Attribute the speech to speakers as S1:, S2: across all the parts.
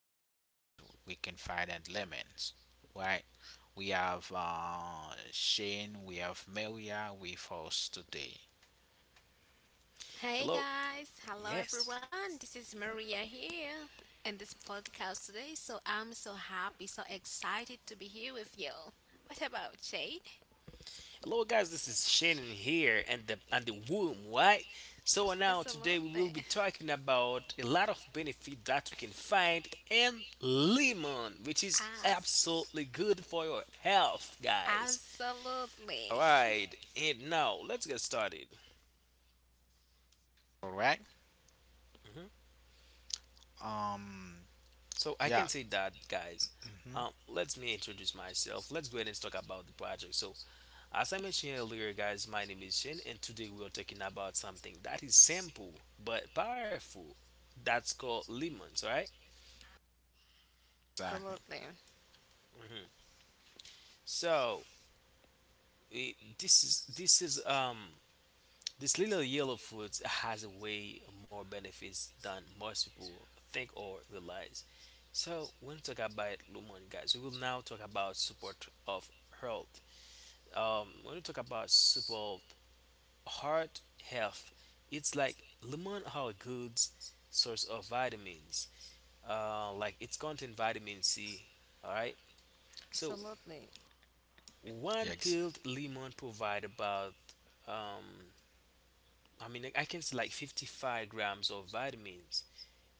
S1: benefits we can find at lemons, right? We have Shane, we have Maria with us today.
S2: Hey
S3: Hello.
S2: guys, hello
S3: Yes.
S2: everyone. This is Maria here in this podcast today. So I'm so happy, so excited to be here with you. What about Jade?
S3: Hello, guys. This is Shannon here, and the womb, right? So now today we
S2: Absolutely.
S3: will be talking about a lot of benefit that we can find in lemon, which is
S2: Abs-
S3: absolutely good for your health, guys. All
S2: absolutely.
S3: right. And now let's get started.
S1: All right. Um.
S3: So I can
S1: Yeah.
S3: say that, guys.
S1: Mm-hmm.
S3: Let me introduce myself. Let's go ahead and talk about the project. So, as I mentioned earlier, guys, my name is Shane, and today we are talking about something that is simple but powerful. That's called lemons, right?
S1: Exactly.
S2: Absolutely.
S3: So this is this little yellow fruit has a way more benefits than most people think or realize. So when we talk about lemon, guys, we will now talk about support of health. When we talk about support heart health, it's like lemon are a good source of vitamins, like it's contain vitamin C. All right. So
S2: Absolutely.
S1: Yeah.
S3: one peeled lemon provide about, um I mean I can say like 55 grams of vitamins,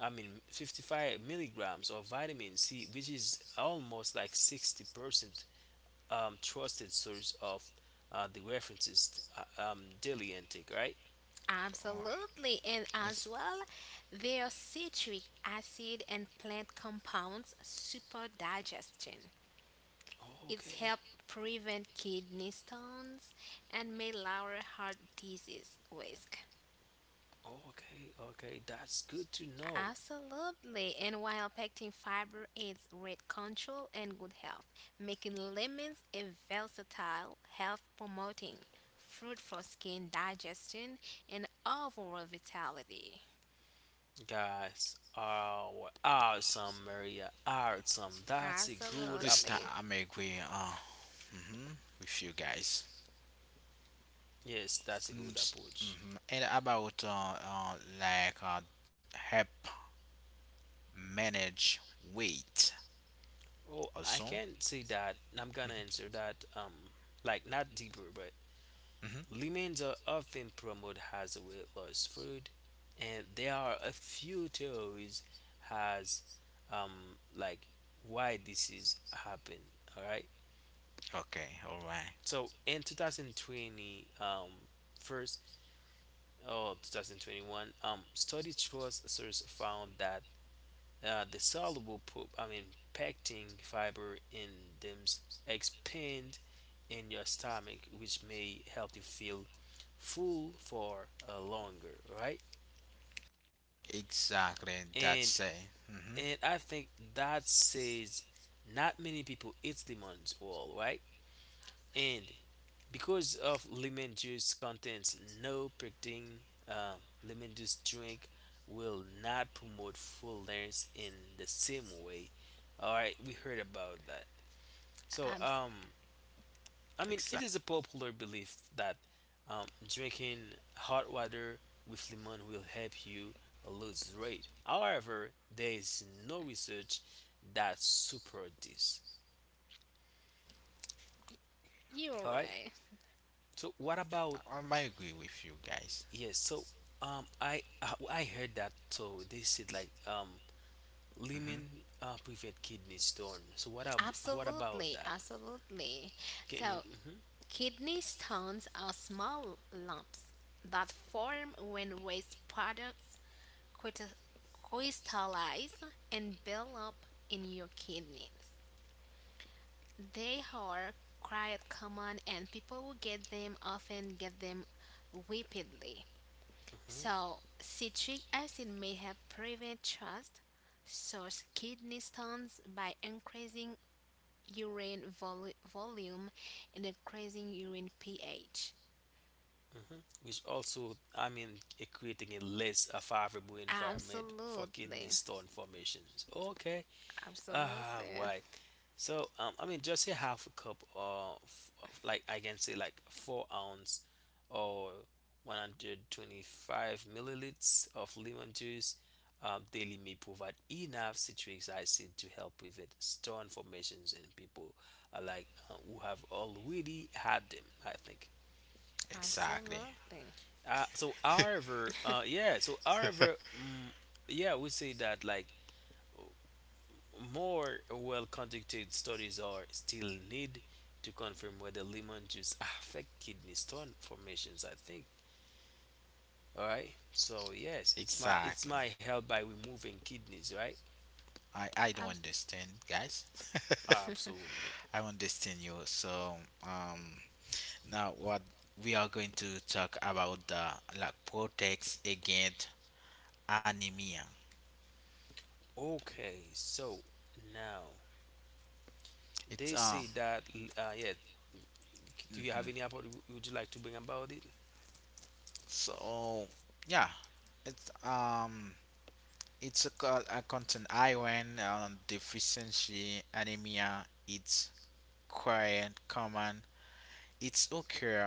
S3: I mean 55 milligrams of vitamin C, which is almost like 60%, trusted source of, the references, daily intake, right?
S1: oh,
S2: Absolutely. And as
S1: ex-
S2: well, their citric acid and plant compounds super digestion. It's
S3: Okay,
S2: helped prevent kidney stones and may lower heart disease risk.
S3: okay, okay. That's good to know,
S2: Absolutely. And while pectin fiber aids weight control and good health, making lemons a versatile, health promoting fruit for skin digestion and overall vitality.
S3: guys. Oh, awesome, Maria. Awesome. That's a good
S1: this time
S2: Absolutely.
S3: approach.
S1: I'm agree. Mm-hmm. With you guys.
S3: Yes, that's a good approach.
S1: Mm-hmm. And about like help manage weight
S3: Oh, I
S1: also.
S3: can't say that. I'm gonna answer that. Like not deeper, but
S1: Mhm.
S3: lemons are often promoted as a weight loss food, and there are a few theories as um like why this is happening. All right.
S1: Okay, all right.
S3: So in 2020, first or 2021, study trust source found that, the I mean pectin fiber in them expand in your stomach, which may help you feel full for longer, right?
S1: Exactly,
S3: And
S1: that's it. Mm-hmm.
S3: I think that says not many people eat lemons all, right? And because of lemon juice contains no pectin, uh, lemon juice drink will not promote fullness in the same way. All right, we heard about that. So,
S2: Um,
S3: I mean, it
S1: Exactly.
S3: is a popular belief that drinking hot water with lemon will help you lose weight. However, there is no research that supports this.
S2: you're
S3: All right.
S2: right.
S3: So, what about
S1: I might agree with you guys.
S3: yes? So, I heard that. So they said like
S1: Hmm.
S3: lemon prevent kidney stone. So what about
S2: Absolutely.
S3: that?
S2: Absolutely.
S3: Can you?
S2: So
S3: Mhm,
S2: kidney stones are small lumps that form when waste products crystal- crystallize and build up in your kidneys. They are quite common and people who get them often get them rapidly.
S3: mhm.
S2: So, citric acid may help prevent trust source kidney stones by increasing urine volume and increasing urine pH.
S3: Mhm. Which also, I mean, it creating a less favorable environment for kidney
S2: Absolutely.
S3: stone formations. Okay, ah
S2: Absolutely.
S3: right. So I mean just a half a cup of, like I can say like 4 ounce or 125 milliliters of lemon juice, daily may provide enough citric acid to help prevent stone formations in people, who have already had them, I think.
S1: Exactly.
S2: Absolutely.
S3: Uh, so however, yeah, so however, mm, yeah, we say that like more well conducted studies are still need to confirm whether lemon juice affect kidney stone formations, I think. All right. So yes, it's my it's
S1: Exactly.
S3: my help by removing kidneys, right?
S1: I don't understand, guys.
S3: Absolutely.
S1: I understand you. So, um now what we are going to talk about, the like protects against anemia.
S3: Okay. So now they
S1: It's
S3: say that, yeah, do you have
S1: Mhm.
S3: any about, would you like to bring about it?
S1: So yeah. it's um It's a, a content iron deficiency anemia. It's quite common. It's occur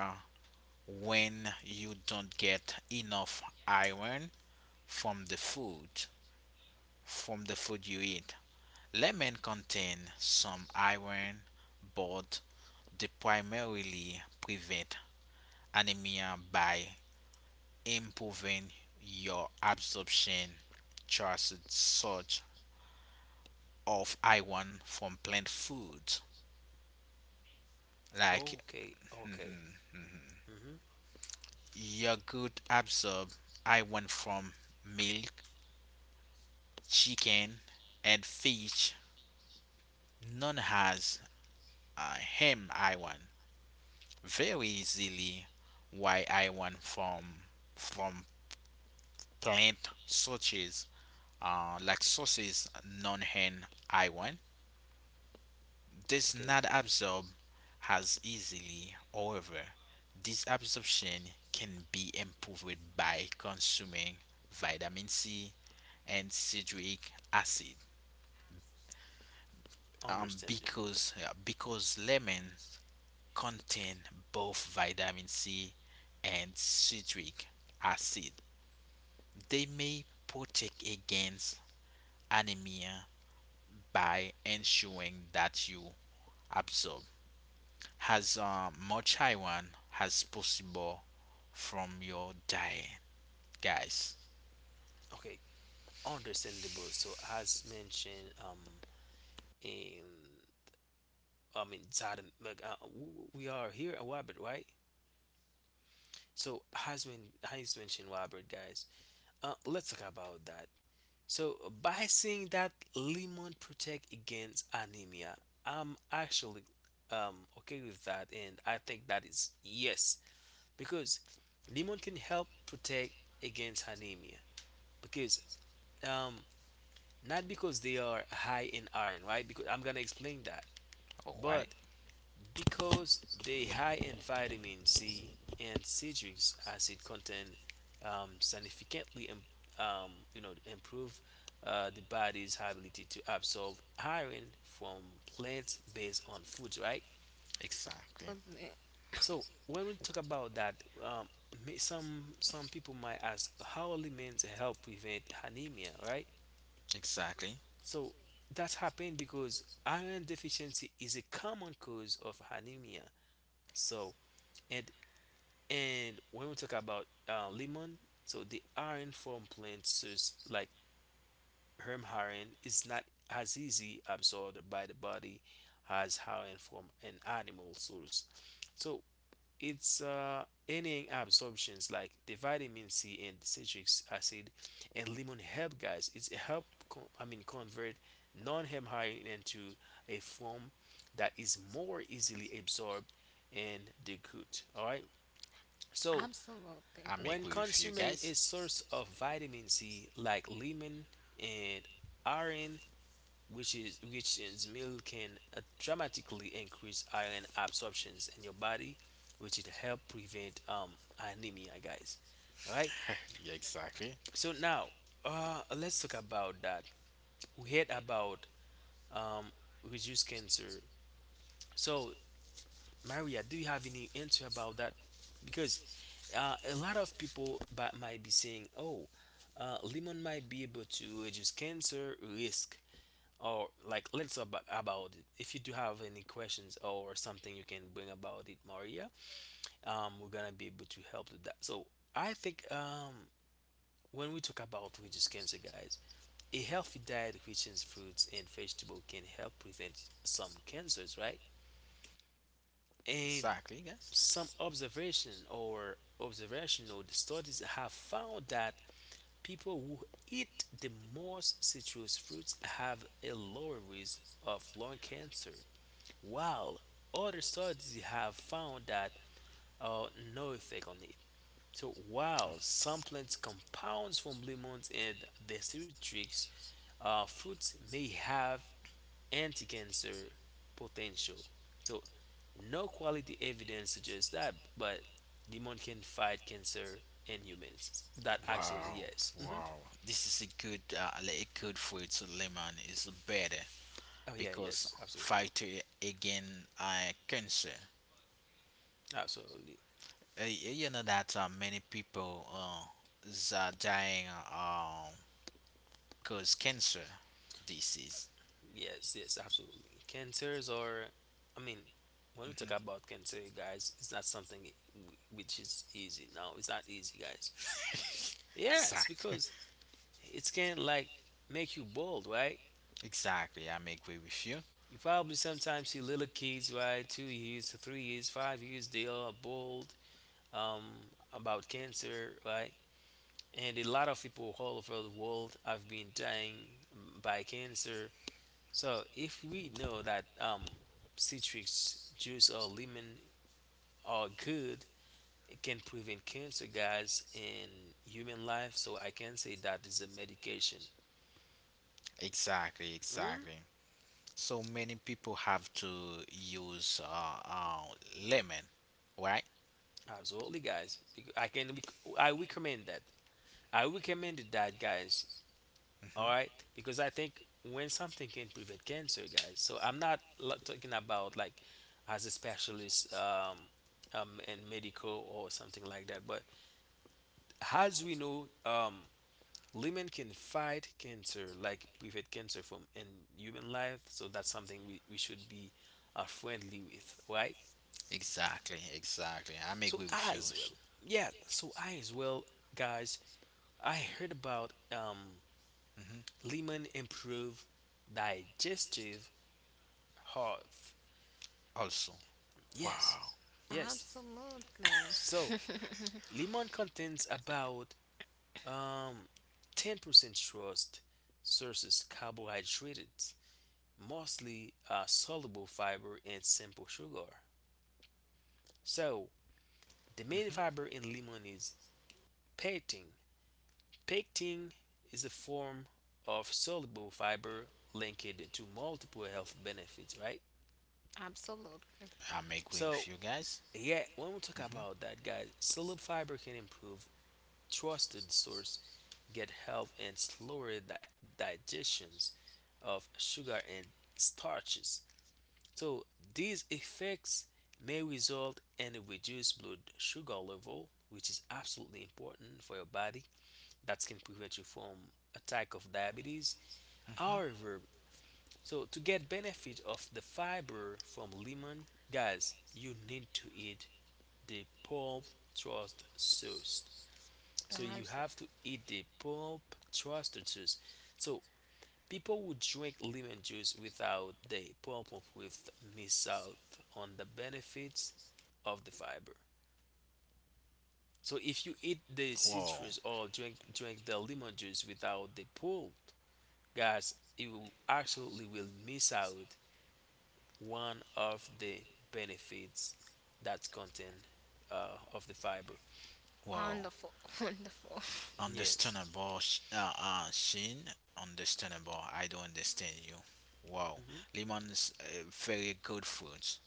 S1: when you don't get enough iron from the food, from the food you eat. Lemon contain some iron, but they primarily prevent anemia by improving your absorption charts such of iron from plant food.
S3: Okay.
S1: Like,
S3: Okay.
S1: mhm,
S3: Mm-hmm.
S1: your good absorb I iron from milk, chicken, and fish. None has him. I want very easily. Why I want from plant sources, like sauces? None hen I want does
S3: Okay.
S1: not absorb as easily. However, this absorption can be improved by consuming vitamin C and citric acid, um,
S3: Understandable.
S1: because yeah, because lemons contain both vitamin C and citric acid. They may protect against anemia by ensuring that you absorb as much iron as possible from your diet, guys.
S3: Okay, understandable. So as mentioned, in I mean, Zadam, like we are here at Wabbit, right? So as mentioned, Wabbit guys. Let's talk about that. So by saying that lemon protect against anemia, I'm actually okay with that, and I think that is yes, because lemon can help protect against anemia because um not because they are high in iron, right? Because I'm gonna explain that.
S1: All right,
S3: But because they high in vitamin C and citric acid content um, significantly im- you know improve the body's ability to absorb iron from plants based on foods, right?
S1: exactly,
S2: Absolutely.
S3: So when we talk about that, um, some people might ask how aliments help prevent anemia, right?
S1: exactly.
S3: So that's happened because iron deficiency is a common cause of anemia. So and and when we talk about lemon, so the iron from plants such like herm iron is not as easy absorbed by the body as iron from an animal source. So it's enhancing absorptions like the vitamin C and citric acid and lemon help, guys. I mean, convert non-hemorrhagin into a form that is more easily absorbed in the gut. All right. So
S2: Absolutely.
S1: I'm
S3: when
S1: agree with you
S3: consuming a
S1: guys.
S3: source of vitamin C like lemon and iron, which is milk, can dramatically increase iron absorptions in your body, which it help prevent anemia, guys. All right.
S1: Yeah, exactly,
S3: So now, let's talk about that. We heard about um reduce cancer. So Maria, do you have any answer about that? Because a lot of people might be saying, oh, lemon might be able to reduce cancer risk. Or like let's about it. If you do have any questions or something, you can bring about it, Maria. We're gonna be able to help with that. So I think when we talk about reduce cancer, guys, a healthy diet which includes fruits and vegetable can help prevent some cancers, right? And
S1: exactly, guys.
S3: some observation or observational studies have found that people who eat the most citrus fruits have a lower risk of lung cancer, while other studies have found that uh, no effect on it. So while some plants compounds from lemons and decitrix fruits may have anti-cancer potential. So no quality evidence suggests that, but lemon can fight cancer in humans. That actually
S1: Wow,
S3: yes. Hmm,
S1: wow. This is a good, like a good food to lemon is better
S3: oh yeah,
S1: because
S3: yes, absolutely,
S1: fight again cancer.
S3: absolutely.
S1: You know that many people is, dying um cause cancer disease.
S3: Yes, yes, absolutely. Cancers are, I mean, when we talk
S1: Hmm.
S3: about cancer, guys, it's not something which is easy. No, it's not easy, guys. Yes,
S1: Exactly.
S3: because it's can like make you bold, right?
S1: Exactly. I agree with you.
S3: You probably sometimes see little kids, right? 2 years, 3 years, 5 years, they are bold about cancer, right? And a lot of people all over the world have been dying, by cancer. So if we know that citrus juice or lemon are good, it can prevent cancer, guys, in human life. So I can say that is a medication.
S1: Exactly.
S3: Mm,
S1: Exactly. So many people have to use lemon, right?
S3: absolutely, guys. I recommend that. I recommended that, guys. All
S1: Mm-hmm.
S3: right, because I think when something can prevent cancer, guys. So I'm not lo- talking about like as a specialist in medical or something like that, but as we know, lemon can fight cancer, like prevent cancer from in human life. So that's something we should be friendly with, right?
S1: Exactly, exactly. I may
S3: So
S1: agree with you.
S3: as well, yeah. So I as well, guys. I heard about
S1: Hmm.
S3: lemon improve digestive health.
S1: Also,
S3: Yes,
S1: wow.
S3: yes.
S2: Absolutely.
S3: So lemon contains about um, 10% trust sources carbohydrates, mostly soluble fiber and simple sugar. So, the main
S1: Hmm.
S3: fiber in lemon is pectin. Pectin is a form of soluble fiber linked to multiple health benefits, right?
S2: Absolutely.
S1: I may agree with
S3: So,
S1: you guys.
S3: yeah, when we talk
S1: Hmm.
S3: about that, guys, soluble fiber can improve trusted source, get health, and digestions of sugar and starches. So these effects may result in a reduced blood sugar level, which is absolutely important for your body. That can prevent you from attack of diabetes.
S1: Hmm.
S3: However, so to get benefit of the fiber from lemon, guys, you need to eat the pulp trust sauce. So you
S2: Abs-
S3: have to eat the pulp trusted sauce. So people who drink lemon juice without the pump up with miss out on the benefits of the fiber. So if you eat the
S1: Wow,
S3: citrus or drink the lemon juice without the pulp, guys, you absolutely will miss out one of the benefits that's contain of the fiber.
S1: wow.
S2: wonderful. Wonderful.
S3: Yes,
S1: Understandable, Shin. Understandable. I don't understand you. Wow.
S3: hmm,
S1: Lemons, very good fruit.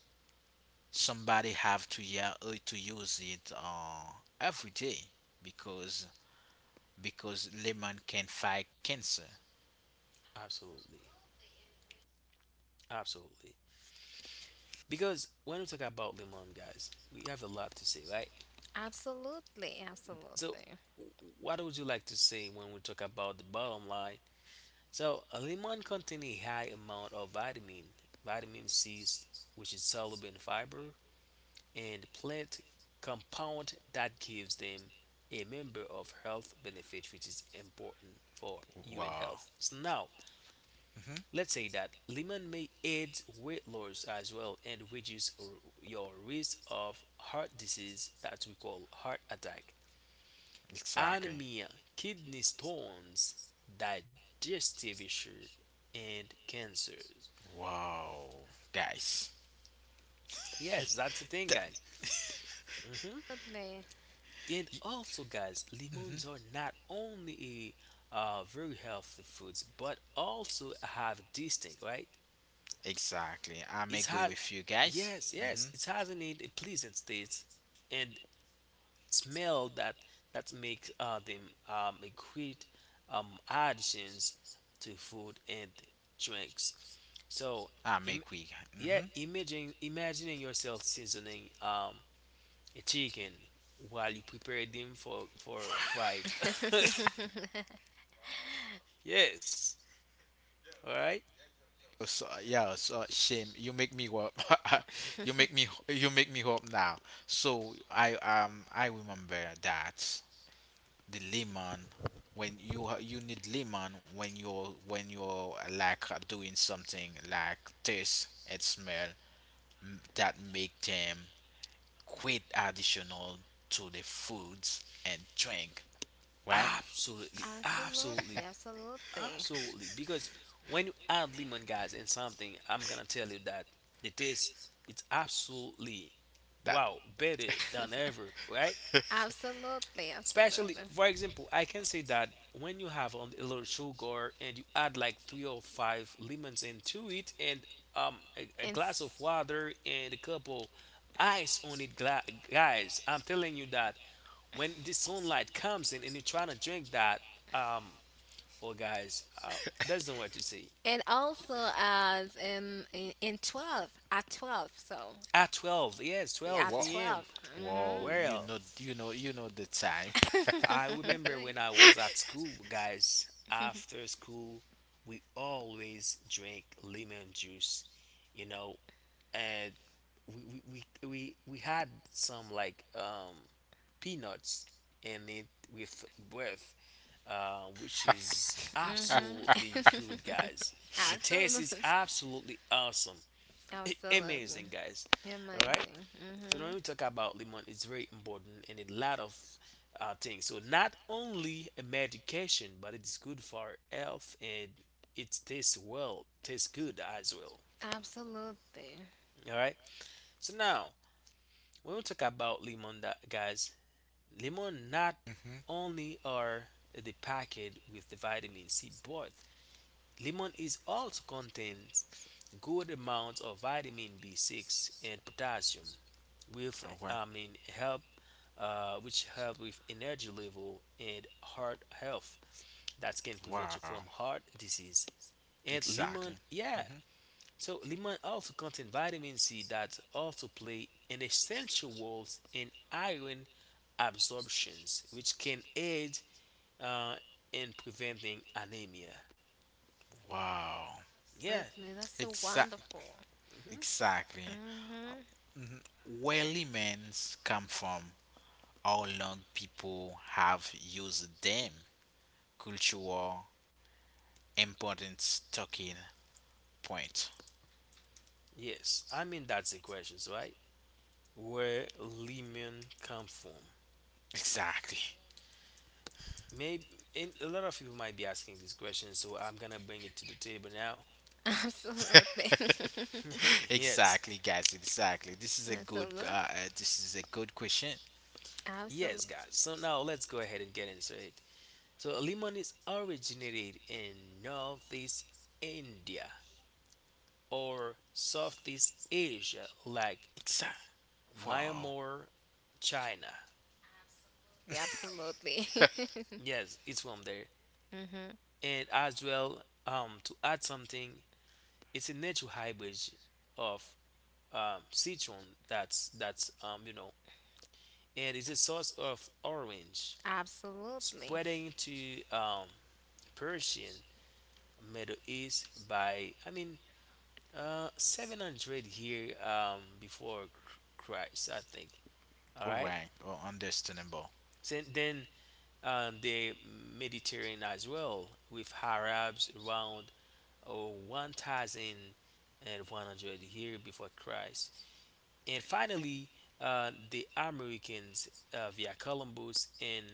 S1: Somebody have to yeah to use it every day because because lemon can fight cancer.
S3: absolutely, absolutely. Because when we talk about lemon, guys, we have a lot to say, right?
S2: Absolutely. Absolutely.
S3: So, what would you like to say when we talk about the bottom line? So, a lemon contains a high amount of vitamin C, which is soluble in fiber, and plant compound that gives them a member of health benefits, which is important for human
S1: Wow.
S3: health. So now,
S1: Hmm.
S3: let's say that lemon may aid weight loss as well and reduce your risk of heart disease that we call heart attack,
S1: Exactly.
S3: anemia, kidney stones, digestive issue, and cancers.
S1: Wow, guys.
S3: Yes, that's the thing,
S1: Th-
S3: guys.
S2: Absolutely.
S3: And also, guys, lemons
S1: mhm.
S3: are not only a very healthy foods, but also have distinct, right?
S1: Exactly. I'm
S3: It's
S1: agree
S3: had,
S1: with you guys.
S3: yes, yes,
S1: Hmm.
S3: it has in it a pleasant taste and smell that makes them a great additions to food and drinks. So,
S1: I'm
S3: im-
S1: agree.
S3: yeah,
S1: Hmm.
S3: imagine imagining yourself seasoning a chicken while you prepare them for fried. Yes. All right.
S1: So yeah, so shame, you make me up. You make me up now. So I, I remember that the lemon, when you you need lemon when you're like doing something like this and smell, that make them quite additional to the foods and drink, right?
S3: Absolutely.
S2: Absolutely.
S3: Absolutely.
S2: Absolutely.
S3: Absolutely. Because when you add lemon, guys, in something, I'm gonna tell you that the taste it's absolutely
S1: That
S3: wow better than ever. Right.
S2: Absolutely.
S3: Especially,
S2: Absolutely.
S3: for example, I can say that when you have on a little sugar and you add like three or five lemons into it, and a
S2: And
S3: glass of water and a couple ice on it, guys. I'm telling you that when the sunlight comes in and you're trying to drink that, um, oh guys, there's no word to say.
S2: also as in 12, at 12, so
S3: At 12, yes,
S2: at
S1: wow,
S3: 12 p.m.
S2: 12.
S1: wow,
S2: Mm-hmm.
S1: you
S3: Well,
S1: know, you know, you know the time.
S3: I remember when I was at school, guys, after school, we always drank lemon juice, you know, and we had some like peanuts in it with breath, which is
S2: Mhm.
S3: absolutely good, guys. The taste is
S2: Absolutely.
S3: absolutely awesome.
S2: Absolutely.
S3: Amazing, guys. All right.
S2: Amazing.
S3: So
S2: Mhm.
S3: when we talk about lemon, it's very important in a lot of things. So not only a medication, but it's good for health and it tastes well, tastes good as well.
S2: Absolutely.
S3: All right. So now when we talk about lemon, that guys, lemon not
S1: Hmm.
S3: only are the packet with the vitamin C, but lemon is also contains good amounts of vitamin B6 and potassium, with
S1: Okay.
S3: I mean help which help with energy level and heart health that can prevent you
S1: Wow.
S3: from heart disease. And
S1: Exactly.
S3: lemon, yeah.
S1: Hmm.
S3: So lemon also contains vitamin C that also play an essential role in iron absorptions, which can aid uh, in preventing anemia.
S1: Wow.
S3: Yeah.
S2: Absolutely. That's so
S1: Exact.
S2: wonderful.
S3: Mhm.
S1: Exactly.
S2: Mhm.
S1: Hmm. Where lemons come from, how long people have used them, cultural importance talking point.
S3: Yes, I mean that's the question, right? Where lemon come from?
S1: Exactly.
S3: Maybe and a lot of people might be asking this question, so I'm gonna bring it to the table now.
S2: Absolutely.
S3: Yes,
S1: Exactly, guys. Exactly. This is a good.
S2: Absolutely.
S1: This is a good question.
S2: Absolutely.
S3: yes, guys. So now let's go ahead and get into it. So lemon is originated in Northeast India or Southeast Asia, like
S1: Exactly. Wow.
S3: Myanmar, China.
S2: Absolutely.
S3: Yes, it's from there.
S2: Mhm.
S3: And as well, to add something, it's a natural hybrid of citron that's, and it's a source of orange
S2: Absolutely.
S3: spreading to Persian Middle East by 700 here before Christ I think. All
S1: All
S3: right,
S1: right. Oh, understandable.
S3: so then the Mediterranean as well with Arabs around 1100 here before Christ. And finally, the Americans via Columbus in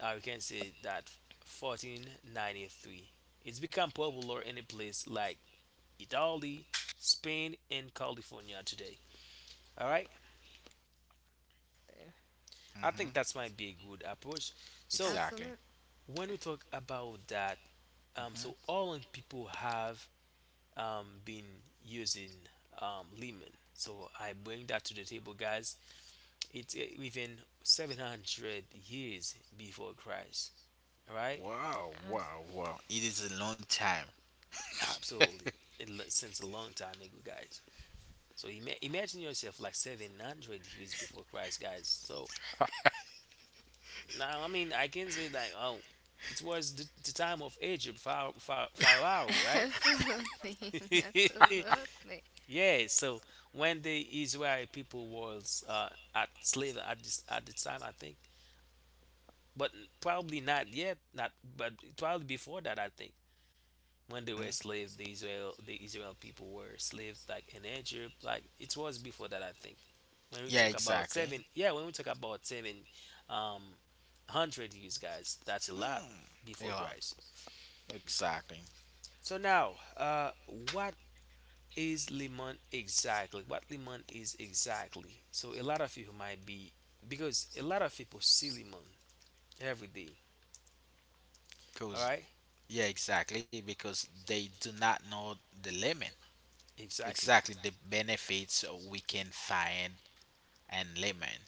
S3: we can say that 1493. It's become popular in a place like Italy, Spain, and California today. All right, I think that's
S1: Mm-hmm.
S3: might be a good approach. So
S1: Exactly.
S2: Absolutely.
S3: when we talk about that, so
S1: Mm-hmm.
S3: all people have been using lemon. So I bring that to the table, guys. It's within 700 years before Christ. All right?
S1: Wow. Wow. Wow. It is a long time.
S3: Absolutely. Since a long time ago, guys. So imagine yourself like 700 years before Christ, guys. So now, I mean, I can say that, oh, it was the time of Egypt, Pharaoh, Pharaoh, Pharaoh, right?
S2: Absolutely. Absolutely.
S3: Yeah, so when the Israel people was at slave at this at the time, I think, but probably not yet, not but probably before that, I think. When they
S1: Mhm.
S3: were slave, the Israel people were slave like in Egypt, like it was before that I think. When we
S1: Yeah.
S3: talk about seven,
S1: Exactly.
S3: yeah, when we talk about seven um hundred years, guys, that's a lot before
S1: Yeah.
S3: Christ.
S1: Exactly.
S3: So now, what is lemon exactly, what lemon is exactly. So a lot of you might be, because a lot of people see lemon every day, all
S1: Cause
S3: right?
S1: yeah. Exactly. Because they do not know the lemon.
S3: Exactly.
S1: Exactly. The benefits we can find and lemon.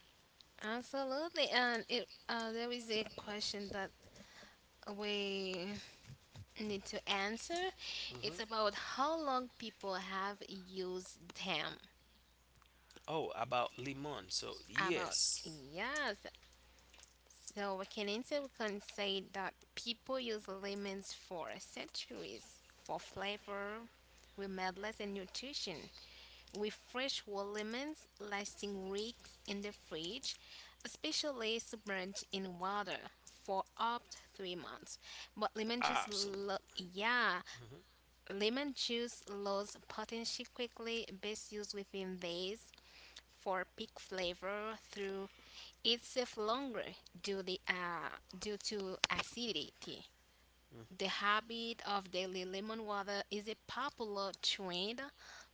S2: Absolutely, and it there is a question that we need to answer. It's
S3: Hmm.
S2: about how long people have used them.
S3: Oh, about lemon, so
S2: About
S3: yes.
S2: yes, so we can answer. We can say that people use lemons for centuries for flavor, remedies, and nutrition, with fresh whole lemons lasting weeks in the fridge, especially submerged in water for up to 3 months. But lemon juice,
S3: Absolutely.
S2: lo- yeah,
S3: Hmm.
S2: lemon juice loses potency quickly. Best used within days for peak flavor through itself longer due to acidity. The habit of daily lemon water is a popular trend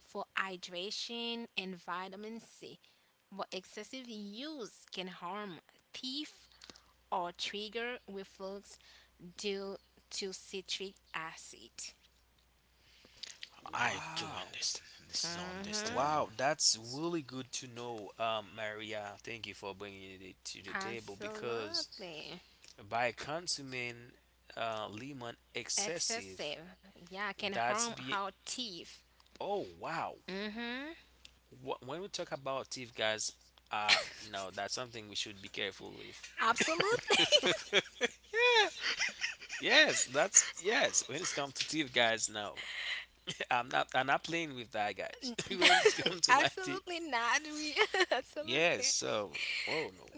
S2: for hydration and vitamin C, but excessive use can harm teeth or trigger reflux due to citric acid.
S1: I do
S3: Wow.
S1: understand. This is
S2: Mm-hmm.
S1: understandable.
S3: Wow, that's really good to know, Maria. Thank you for bringing it to the table because
S2: Absolutely.
S3: by consuming lemon excessive,
S2: Excessive. Yeah, can
S3: that's
S2: harm
S3: be,
S2: our teeth.
S3: oh wow.
S2: Mm-hmm.
S3: When we talk about teeth, guys, uh, no, that's something we should be careful with.
S2: Absolutely.
S3: Yeah, yes, that's yes. When it's come to teeth, guys, no, I'm not. I'm not playing with that, guys. When it's come to my teeth,
S2: Absolutely not. We
S3: yes.
S2: absolutely.
S3: So, oh no.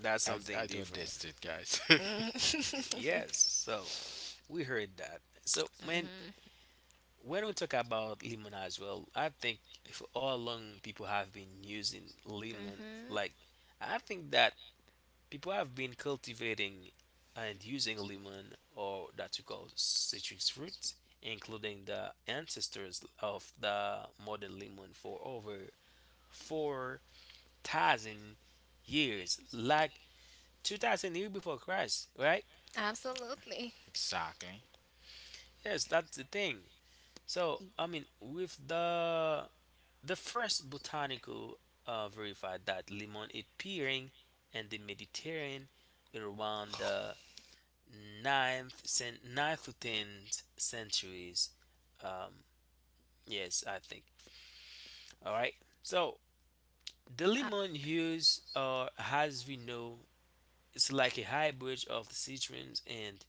S3: That's
S1: I,
S3: something
S1: I do
S3: different.
S1: understand, guys.
S2: Mm-hmm.
S3: Yes. So we heard that. So man, when we talk about lemon as well, I think for all long people have been using lemon.
S2: Mm-hmm.
S3: Like I think that people have been cultivating and using lemon or that you call citrus fruit, including the ancestors of the modern lemon for over 4,000 years, like 2,000 years before Christ, right?
S2: Absolutely.
S1: Exactly.
S3: Yes, that's the thing. So, I mean, with the first botanical verified that lemon appearing in the Mediterranean around the ninth to 10th centuries. Yes, I think. All right. So, the
S2: Uh,
S3: lemon use, as we know, it's like a hybrid of the citrus and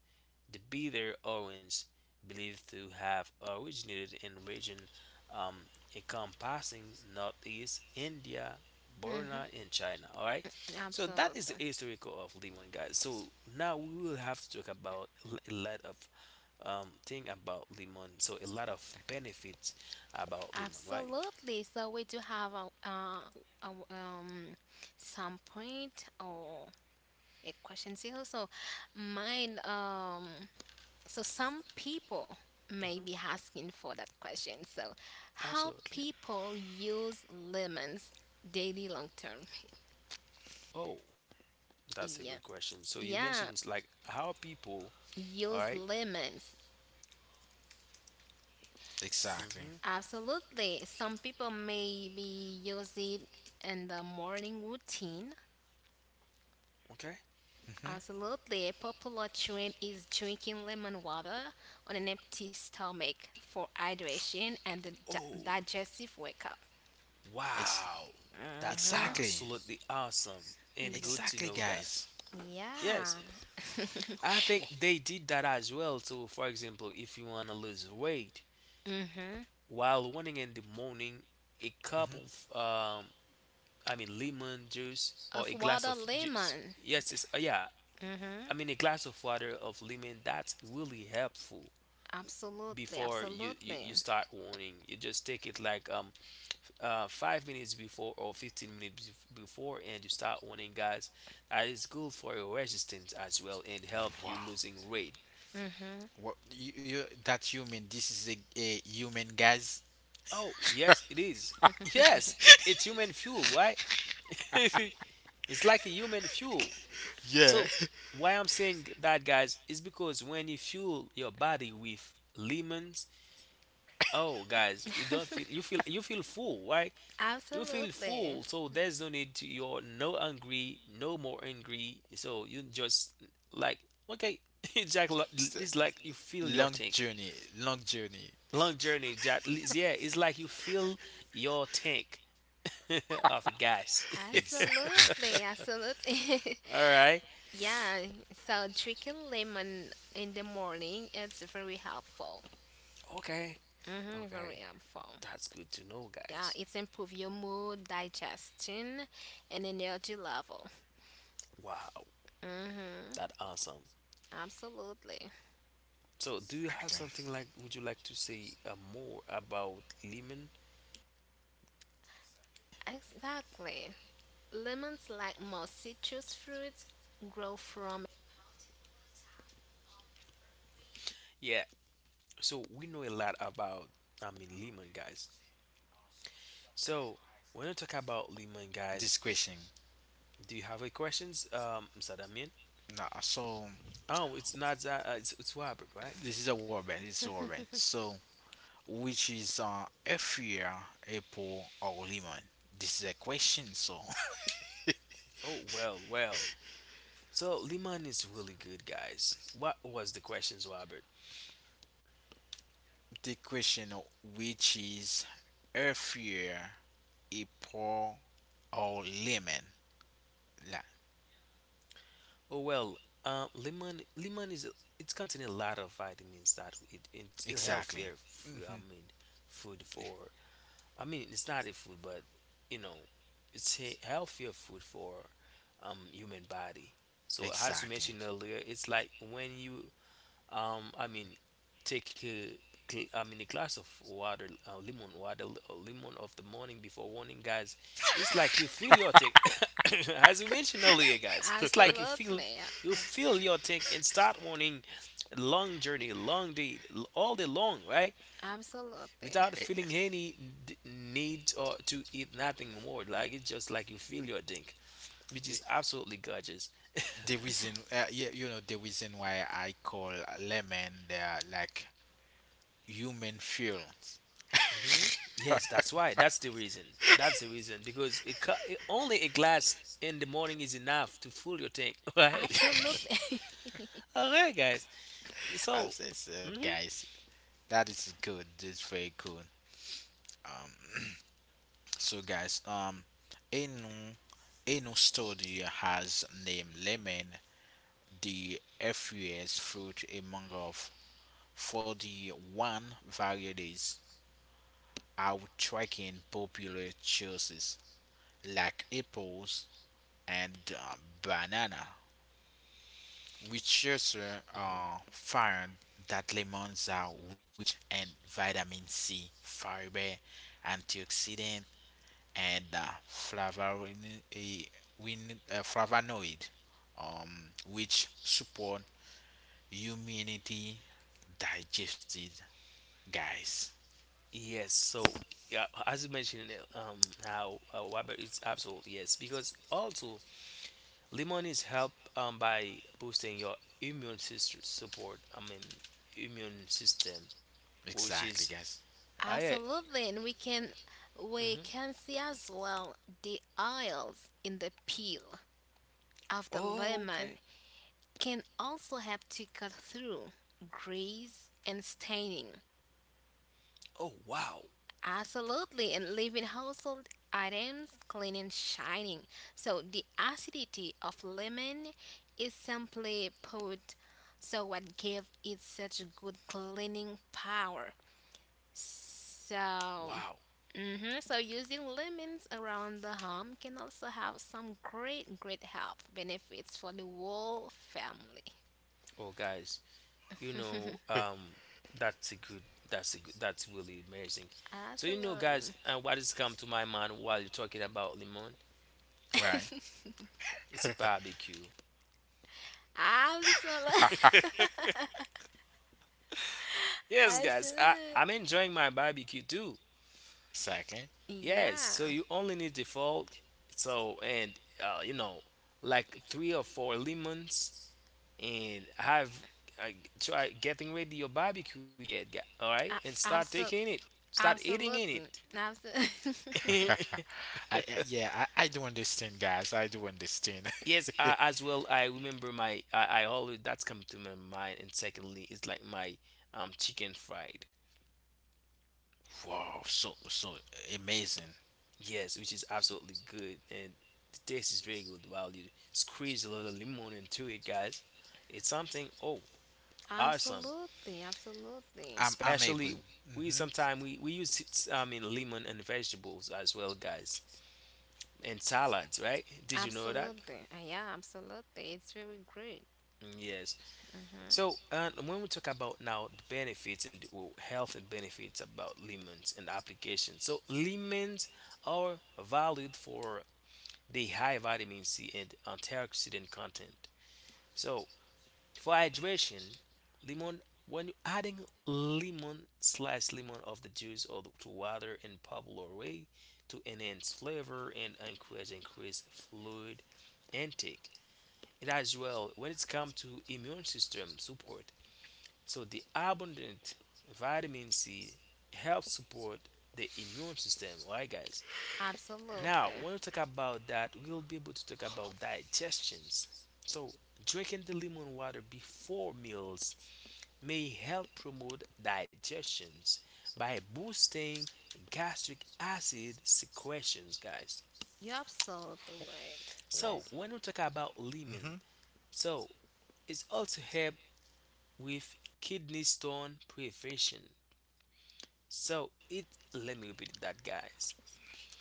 S3: the bitter orange, believed to have originated in region um, encompassing northeast India,
S2: mhm,
S3: Burma, and China. All right, so that is
S2: absolutely.
S3: the historical of lemon, guys. So now we will have to talk about a lot of thing about lemon. So a lot of benefits about lemon, right?
S2: Absolutely. So we do have a w- um some point or a question here. So mine so some people may
S3: Hmm.
S2: be asking for that question. So how
S3: Absolutely.
S2: people use lemons daily long term.
S3: Oh, that's a good
S2: Yeah.
S3: question. So you mentioned
S2: Yeah.
S3: like how people, all
S2: Use
S3: right?
S2: lemons
S1: Exactly.
S3: Mm-hmm.
S2: absolutely. Some people maybe use it in the morning routine.
S3: Okay.
S1: Hmm.
S2: Absolutely. A popular trend is drinking lemon water on an empty stomach for hydration and the
S3: Oh,
S2: digestive wake up.
S1: Ex-
S3: wow, that
S2: Mm-hmm.
S1: exactly.
S3: absolutely awesome and good to
S1: Exactly,
S3: know,
S1: guys.
S3: guys. Yes,
S2: Yeah. Yeah.
S3: I think they did that as well. So, for example, if you want to lose weight
S2: Mm-hmm.
S3: while running in the morning, a cup
S1: Hmm.
S3: of I mean lemon juice or
S2: Of
S3: a glass
S2: water
S3: of juice.
S2: lemon.
S3: Yes, it's yeah.
S2: Mm-hmm.
S3: I mean a glass of water of lemon. That's really helpful
S2: Absolutely.
S3: before you you,
S2: Absolutely.
S3: you start running. You just take it like 5 minutes before or 15 minutes before and you start winning, guys. That is good for your resistance as well and help you
S1: Wow.
S3: losing weight.
S2: Mm-hmm.
S1: What you that human? This is a human, guys.
S3: Oh yes, it is. Yes, it's human fuel, right? It's like a human fuel.
S1: Yeah.
S3: So why I'm saying that, guys, is because when you fuel your body with lemons, oh guys, you don't feel you feel you feel full, right? You feel
S2: Absolutely.
S3: full, so there's no need to, you're no hungry, no more angry, so you just like okay. It's like,
S1: It's a
S3: it's like you fill your
S1: long
S3: tank.
S1: journey. Long journey.
S3: Long journey, that, yeah, it's like you fill your tank of the gas.
S1: Exactly.
S2: Absolutely. Absolutely.
S3: All right.
S2: Yeah, so drinking lemon in the morning it's very helpful.
S3: Okay.
S2: Mm-hmm, very
S3: Okay,
S2: helpful.
S3: that's good to know,
S2: Yeah,
S3: guys.
S2: it's improve your mood, digestion, and energy level.
S3: Wow,
S2: Mm-hmm,
S3: that awesome.
S2: absolutely.
S3: So do you have something like would you like to say more about lemon?
S2: Exactly. Lemons, like most citrus fruits, grow from
S3: Yeah, so we know a lot about, I mean, lemon, guys. So, when you talk about Lehman,
S1: This
S3: guys,
S1: question.
S3: do you have any questions, Mr. Damien?
S1: Nah, so
S3: Oh, it's not that, it's Robert, right?
S1: this is a warband. This is a warband. So which is a fear, apple or lemon? This is a question. So
S3: Oh, well, well. So, Lehman is really good, guys. What was the questions, Robert?
S1: the question, which is a fear, April or lemon. Yeah,
S3: Oh, well, lemon is, it's contain a lot of vitamins that it's a
S1: exactly,
S3: healthier, I mean, food for, I mean, it's not a food, but, you know, it's a healthier food for human body. So as you
S1: exactly.
S3: mentioned earlier, it's like when you um i mean take a I mean a glass of water, lemon water, lemon of the morning before morning, guys. It's like you feel your tank. As we mentioned earlier, guys, it's like
S2: absolutely,
S3: you
S2: uh,
S3: feel your tank and start morning, long journey, long day, all day long, right,
S2: absolutely,
S3: without
S1: Eh,
S3: feeling any need or to eat nothing more, like it's just like you feel your tank, which is absolutely gorgeous.
S1: The reason, you know, the reason why I call lemon they are like human fuels.
S3: Yes, that's why. That's the reason. That's the reason because it, it only a glass in the morning is enough to fuel your tank, right?
S2: absolutely.
S3: All right, guys.
S1: I
S3: So,
S1: say so,
S3: mhm.
S1: guys. That is good. That's very good. Um, so guys, a new a new study has named lemon the FUS fruit among of 41 varieties outranking popular choices like apples and banana. Researchers found that lemons are rich in vitamin C, fiber, antioxidant, and flavonoid, eh, flavonoid, which support immunity, digestive, guys.
S3: Yes. So, yeah, as you mentioned, how Robert is absolutely yes, because also lemon is help by boosting your immune system support. I mean, immune system, which
S1: Exactly,
S3: is
S1: guys.
S3: I.
S2: Absolutely, and we
S3: Mhm.
S2: can see as well the oils in the peel of the
S3: Oh, okay.
S2: lemon can also help to cut through grease and staining.
S3: Oh, wow,
S2: Absolutely, and leaving household items clean and shining. So the acidity of lemon is simply put so what gave it such good cleaning power. So
S3: wow.
S2: hmm so using lemons around the home can also have some great, great health benefits for the whole family.
S3: Oh, guys. You know that's a good, that's really amazing. So you know guys,
S2: Absolutely.
S3: what has come to my mind while you're talking about lemon,
S1: Right.
S3: it's a barbecue.
S2: Absolutely.
S3: Yes guys,
S2: Absolutely.
S3: I'm enjoying my barbecue too.
S1: Exactly.
S3: Yes,
S2: Yeah.
S3: so you only need the fork. So and, you know, like three or four lemons and have, uh, try getting ready your barbecue yet, all right, and
S2: A-
S3: start taking
S2: Absol-
S3: it, start eating in
S2: absolutely. Absolutely.
S3: it.
S1: I do understand, guys. I do understand.
S3: Yes, I, as well. I remember my. I always that's come to my mind. And secondly, it's like my chicken fried.
S1: Wow, so so amazing.
S3: Yes, which is absolutely good and the taste is very good. While you squeeze a little lemon into it, guys, it's something. Oh, awesome!
S2: absolutely. Absolutely.
S1: I'm
S3: Especially
S1: agree.
S3: we
S1: Hmm.
S3: sometimes we use it's, I mean lemon and vegetables as well, guys, and salads. Right? Did you know that?
S2: Absolutely. Yeah, absolutely. It's very great.
S3: Yes.
S2: Hmm
S3: So, and when we talk about now the benefits and the well, health and benefits about lemons and applications, so lemons are valued for the high vitamin C and antioxidant content. So, for hydration, lemon when you're adding lemon slice lemon of the juice to water in popular way to enhance flavor and encourage increase fluid intake. And as well, when it's come to immune system support, so the abundant vitamin C helps support the immune system, right guys? Now,
S2: absolutely.
S3: when we talk about that, we'll be able to talk about digestions. So, drinking the lemon water before meals may help promote digestions by boosting gastric acid secretions, guys.
S2: You're absolutely right.
S3: So, when we talk about lemon, so it's also help with kidney stone prevention. So it, let me repeat that, guys.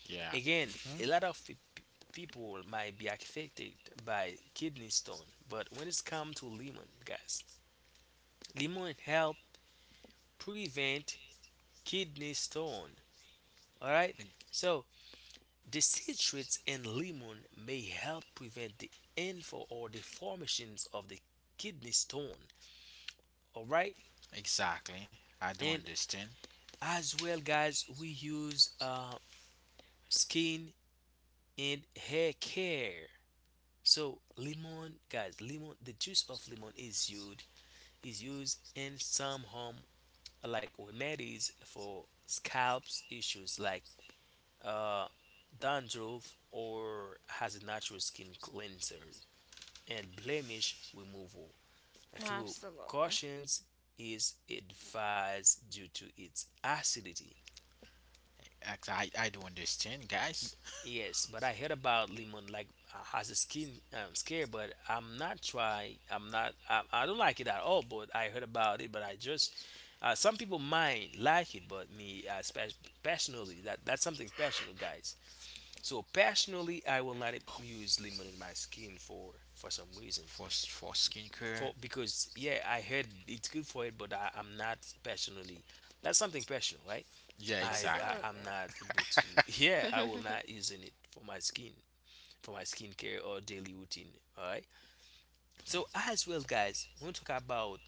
S1: Yeah,
S3: Again, a lot of people might be affected by kidney stone, but when it's come to lemon, guys, lemon help prevent kidney stone. All right.
S1: e-
S3: So the citrates in lemon may help prevent the info or the formations of the kidney stone. All right.
S1: exactly. I do
S3: And
S1: understand.
S3: as well, guys, we use skin and hair care. So lemon, guys, lemon. The juice of lemon is used in some home like remedies for scalps issues like uh, dandruff or has a natural skin cleanser and blemish removal through
S2: Absolutely.
S3: cautions is advised due to its acidity.
S1: I do understand, guys.
S3: Yes, but I heard about lemon like has a skin scare, but I'm not try. I'm not. I don't like it at all. But I heard about it. But I just some people might like it, but me passionately that that's something personal, guys. So personally, I will not use lemon in my skin for some reason.
S1: For for
S3: For
S1: skincare.
S3: because yeah, I heard it's good for it, but I'm not personally. That's something personal, right?
S1: Yeah,
S3: I, I
S1: exactly.
S3: I'm
S2: Absolutely.
S3: not able to. Yeah, I will not using it for my skin for my skincare or daily routine. All right. So as well, guys, we want talk about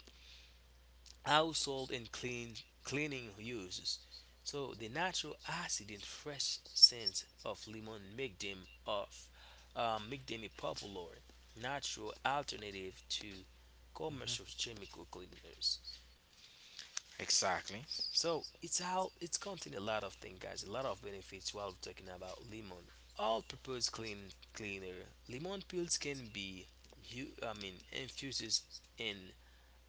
S3: household and cleaning uses. So the natural acid and fresh scent of lemon make them a popular natural alternative to commercial
S1: Hmm.
S3: chemical cleaners.
S1: Exactly.
S3: So it's how it's contain a lot of things, guys. A lot of benefits while we're talking about lemon. All purpose cleaner. Lemon peels can be, I mean, infuses in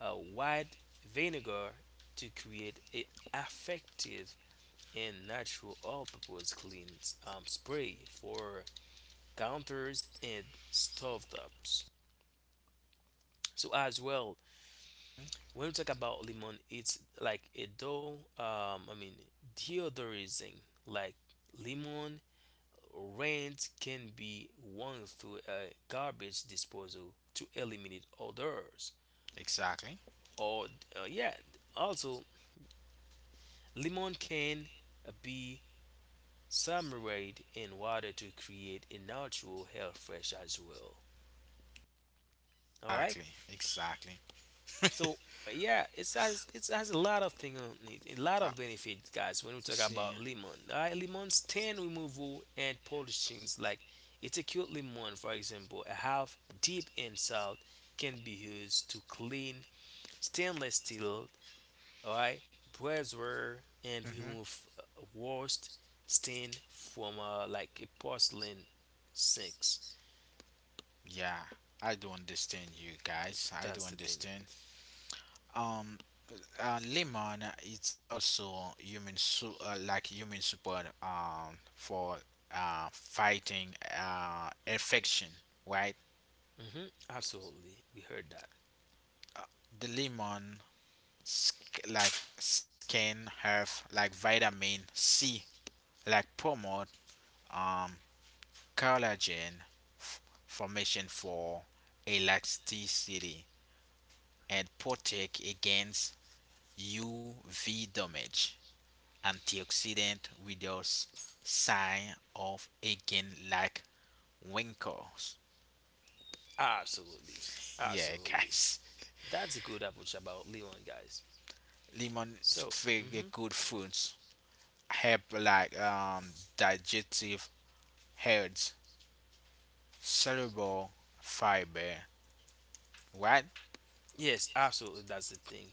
S3: a white vinegar to create an effective and natural all-purpose clean spray for counters and stovetops. So as well, when we talk about lemon it's like a dough I mean deodorizing like lemon rent can be won through a garbage disposal to eliminate odors
S1: Exactly.
S3: or yeah, also lemon can be submerged in water to create a natural hair fresh as well. All right.
S1: Exactly. Exactly.
S3: So yeah, it has a lot of thing on it, a lot
S1: Uh,
S3: of benefits, guys. When we talk
S1: see.
S3: about lemon, right? Lemon stain removal and polishings, like it's a cute lemon, for example, a half deep in salt can be used to clean stainless steel, alright, brassware, and
S1: Hmm.
S3: remove worst stain from like a porcelain sinks.
S1: Yeah, I do understand you guys. I do
S3: That's the thing.
S1: understand. Um, Lemon it's also human like human support for fighting infection, right?
S3: Hmm. Absolutely, we heard that.
S1: The lemon like skin have like vitamin C like promote um collagen f- formation for elasticity and protect against UV damage. Antioxidant without sign of aging like wrinkles.
S3: Absolutely,
S1: Yeah,
S3: absolutely.
S1: guys,
S3: That's a good approach about Leon, guys.
S1: lemon is
S3: So,
S1: very
S3: mhm.
S1: good fruits. Help like digestive health, soluble fiber. Right?
S3: Yes, absolutely, that's the thing.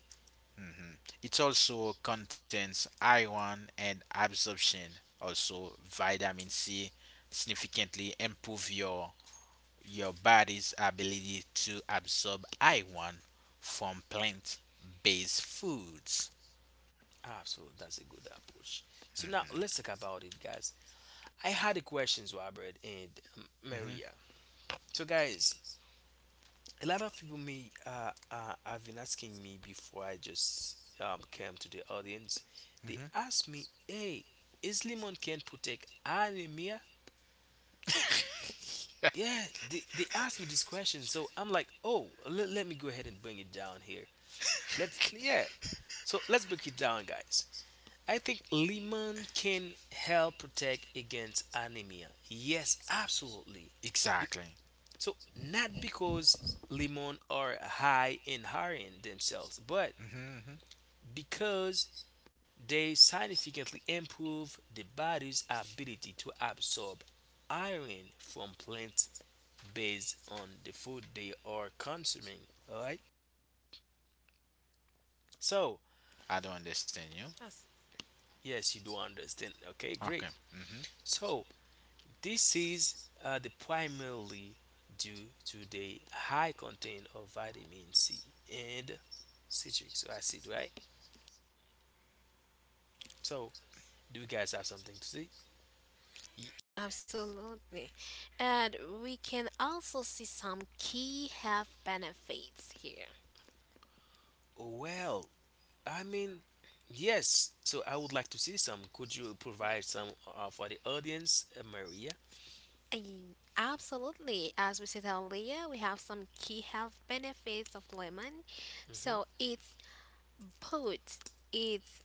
S1: It also contains iron and absorption. Also, vitamin C significantly improve your body's ability to absorb iron from plant based foods.
S3: Absolutely, that's a good approach. So now let's talk about it, guys. I had a questions, Robert and
S1: Hmm.
S3: Maria. So, guys, a lot of people may have been asking me before I just came to the audience. They
S1: Hmm.
S3: asked me, "Hey, is lemon can protect anemia?" Yeah, they asked me this question so I'm like oh let, let me go ahead and bring it down here. Let's yeah. So let's break it down, guys. I think lemon can help protect against anemia. Yes, absolutely. Be-
S1: Exactly.
S3: so not because lemon are high in iron themselves, but
S1: Hmm. Hmm.
S3: because they significantly improve the body's ability to absorb iron from plants based on the food they are consuming. All right. So
S1: I don't understand you.
S2: As-
S3: yes, you do understand. Okay, great.
S1: Okay. Hmm.
S3: So this is the primarily due to the high content of vitamin C and citric acid, right? So, do you guys have something to say?
S2: absolutely. And we can also see some key health benefits here.
S3: Oh, well, I mean, yes. So, I would like to see some. Could you provide some for the audience, Maria?
S2: Absolutely. As we said earlier, we have some key health benefits of lemon.
S3: Hmm.
S2: So it's boot. It's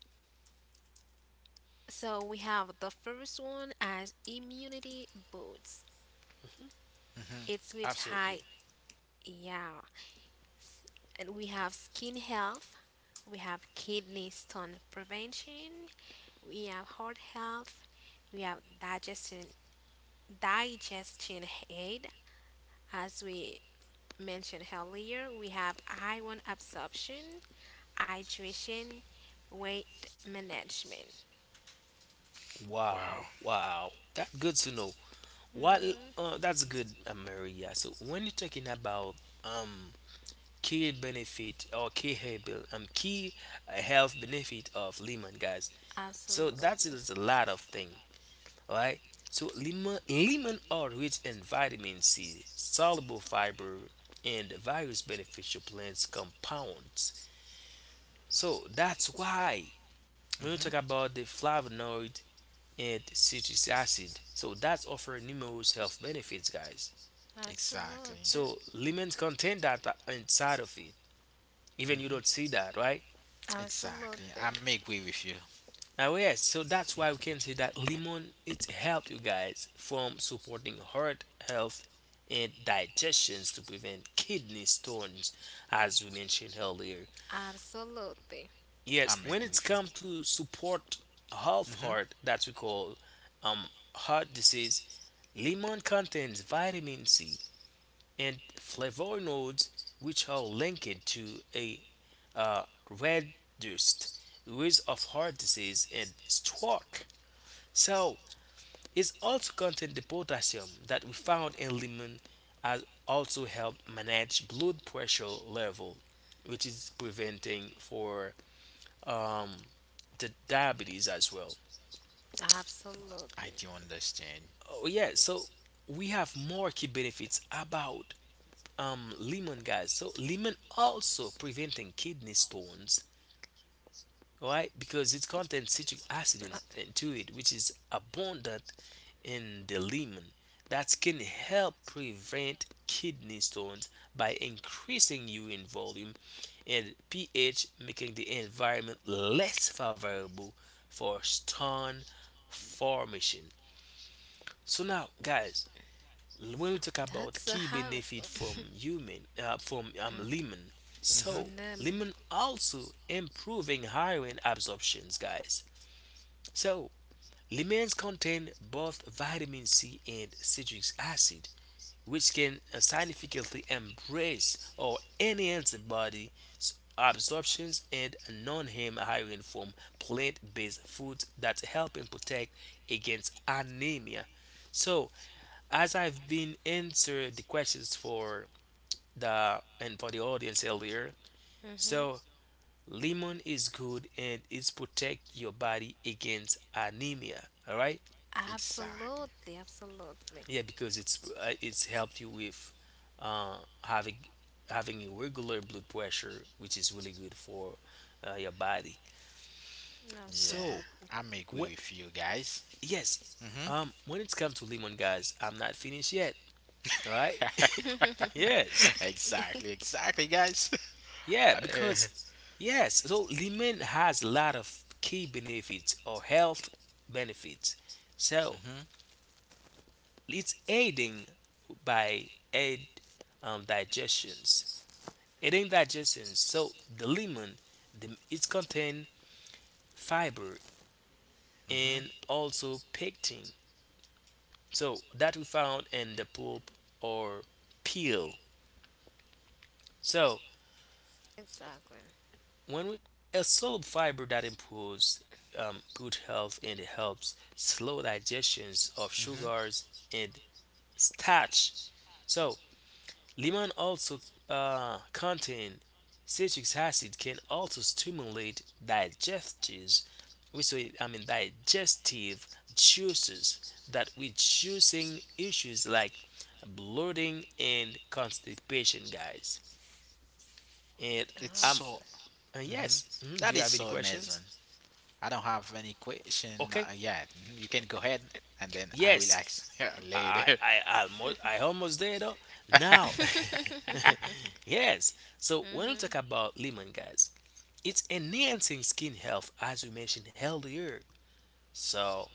S2: so we have the first one as immunity boots.
S1: Hmm.
S2: It's with
S3: Absolutely.
S2: high yeah, and we have skin health, we have kidney stone prevention, we have heart health, we have digestion aid, as we mentioned earlier, we have iron absorption, hydration, weight management.
S1: Wow.
S3: Wow, wow, that's good to know. What?
S2: Mm,
S3: That's good, Maria. So, when you're talking about um key benefit or key key health benefit of lemon, guys. So
S2: absolutely.
S3: that is a lot of thing, right? So lemon are rich in vitamin C, soluble fiber, and various beneficial plants compounds. So that's why when you
S1: Hmm.
S3: talk about the flavonoid and citric acid, so that's offer numerous health benefits, guys.
S2: Absolutely.
S1: Exactly.
S3: So lemons contain that inside of it. Even you don't see that, right?
S1: Exactly.
S2: Absolutely.
S1: I may agree with you.
S3: Now yes, so that's why we can say that lemon it helped you guys from supporting heart health and digestions to prevent kidney stones, as we mentioned earlier.
S2: Absolutely.
S1: I
S3: Yes,
S1: may
S3: when
S1: agree
S3: it's
S1: with you.
S3: come to support health
S1: Hmm.
S3: heart that we call um heart disease, lemon contains vitamin C and flavonoids which are linked to a uh, reduced risk of heart disease and stroke. So it's also contains the potassium that we found in lemon has also helped manage blood pressure level, which is preventing for um, the diabetes as well.
S2: Absolutely.
S1: I do understand.
S3: Oh yeah, so we have more key benefits about lemon guys. So lemon also preventing kidney stones, all right, because it contains citric acid in, into it which is abundant in the lemon that can help prevent kidney stones by increasing urine volume and ph making the environment less favorable for stone formation. So now guys, when we talk
S2: That's
S3: about
S2: a
S3: key
S2: house.
S3: benefit from human from lemon,
S1: Hmm.
S3: so
S2: Lemon.
S3: lemon also improving iron absorptions, guys. So, lemons contain both vitamin C and citric acid, which can significantly embrace or enhance the body's absorptions and non-heme iron from plant-based foods that help and protect against anemia. So, as I've been answered the questions for the and for the audience earlier,
S2: Hmm
S3: so lemon is good and it's protect your body against anemia. All right,
S1: Exactly.
S2: absolutely, absolutely.
S3: yeah, because it's helped you with uh, having having a regular blood pressure, which is really good for your body.
S1: Yeah.
S3: So
S2: Absolutely.
S1: I may agree
S3: what?
S1: with you guys.
S3: Yes,
S1: Hmm.
S3: when it's come to lemon, guys, I'm not finished yet. All right, yes,
S1: Exactly. Exactly, guys.
S3: yeah,
S1: I, uh,
S3: because yes, so lemon has a lot of key benefits or health benefits. So
S1: hmm.
S3: it's aiding by aid digestions. Aiding digestions. So the lemon, the, it's contain fiber and
S1: Hmm.
S3: also pectin. So that we found in the pulp or peel. So
S2: exactly.
S3: when we a solid fiber that improves good health and it helps slow digestions of
S1: Hmm.
S3: sugars and starch. So lemon also contain citric acid can also stimulate digestions. We say I mean digestive juices that with juicing issues like bloating and constipation, guys. And
S1: It's
S3: um,
S1: so
S2: Abs-
S1: Mhm.
S3: yes. Mhm,
S1: That
S3: do you
S1: is
S3: have any
S1: so
S3: questions?
S1: amazing. I don't have any question
S3: Okay.
S1: yet. Mhm. You can go ahead and then I will
S3: Yes.
S1: ask
S3: I
S1: later.
S3: I I almost, I almost there though. Now, yes. So when we talk about lemon, guys, it's enhancing skin health, as we mentioned earlier. So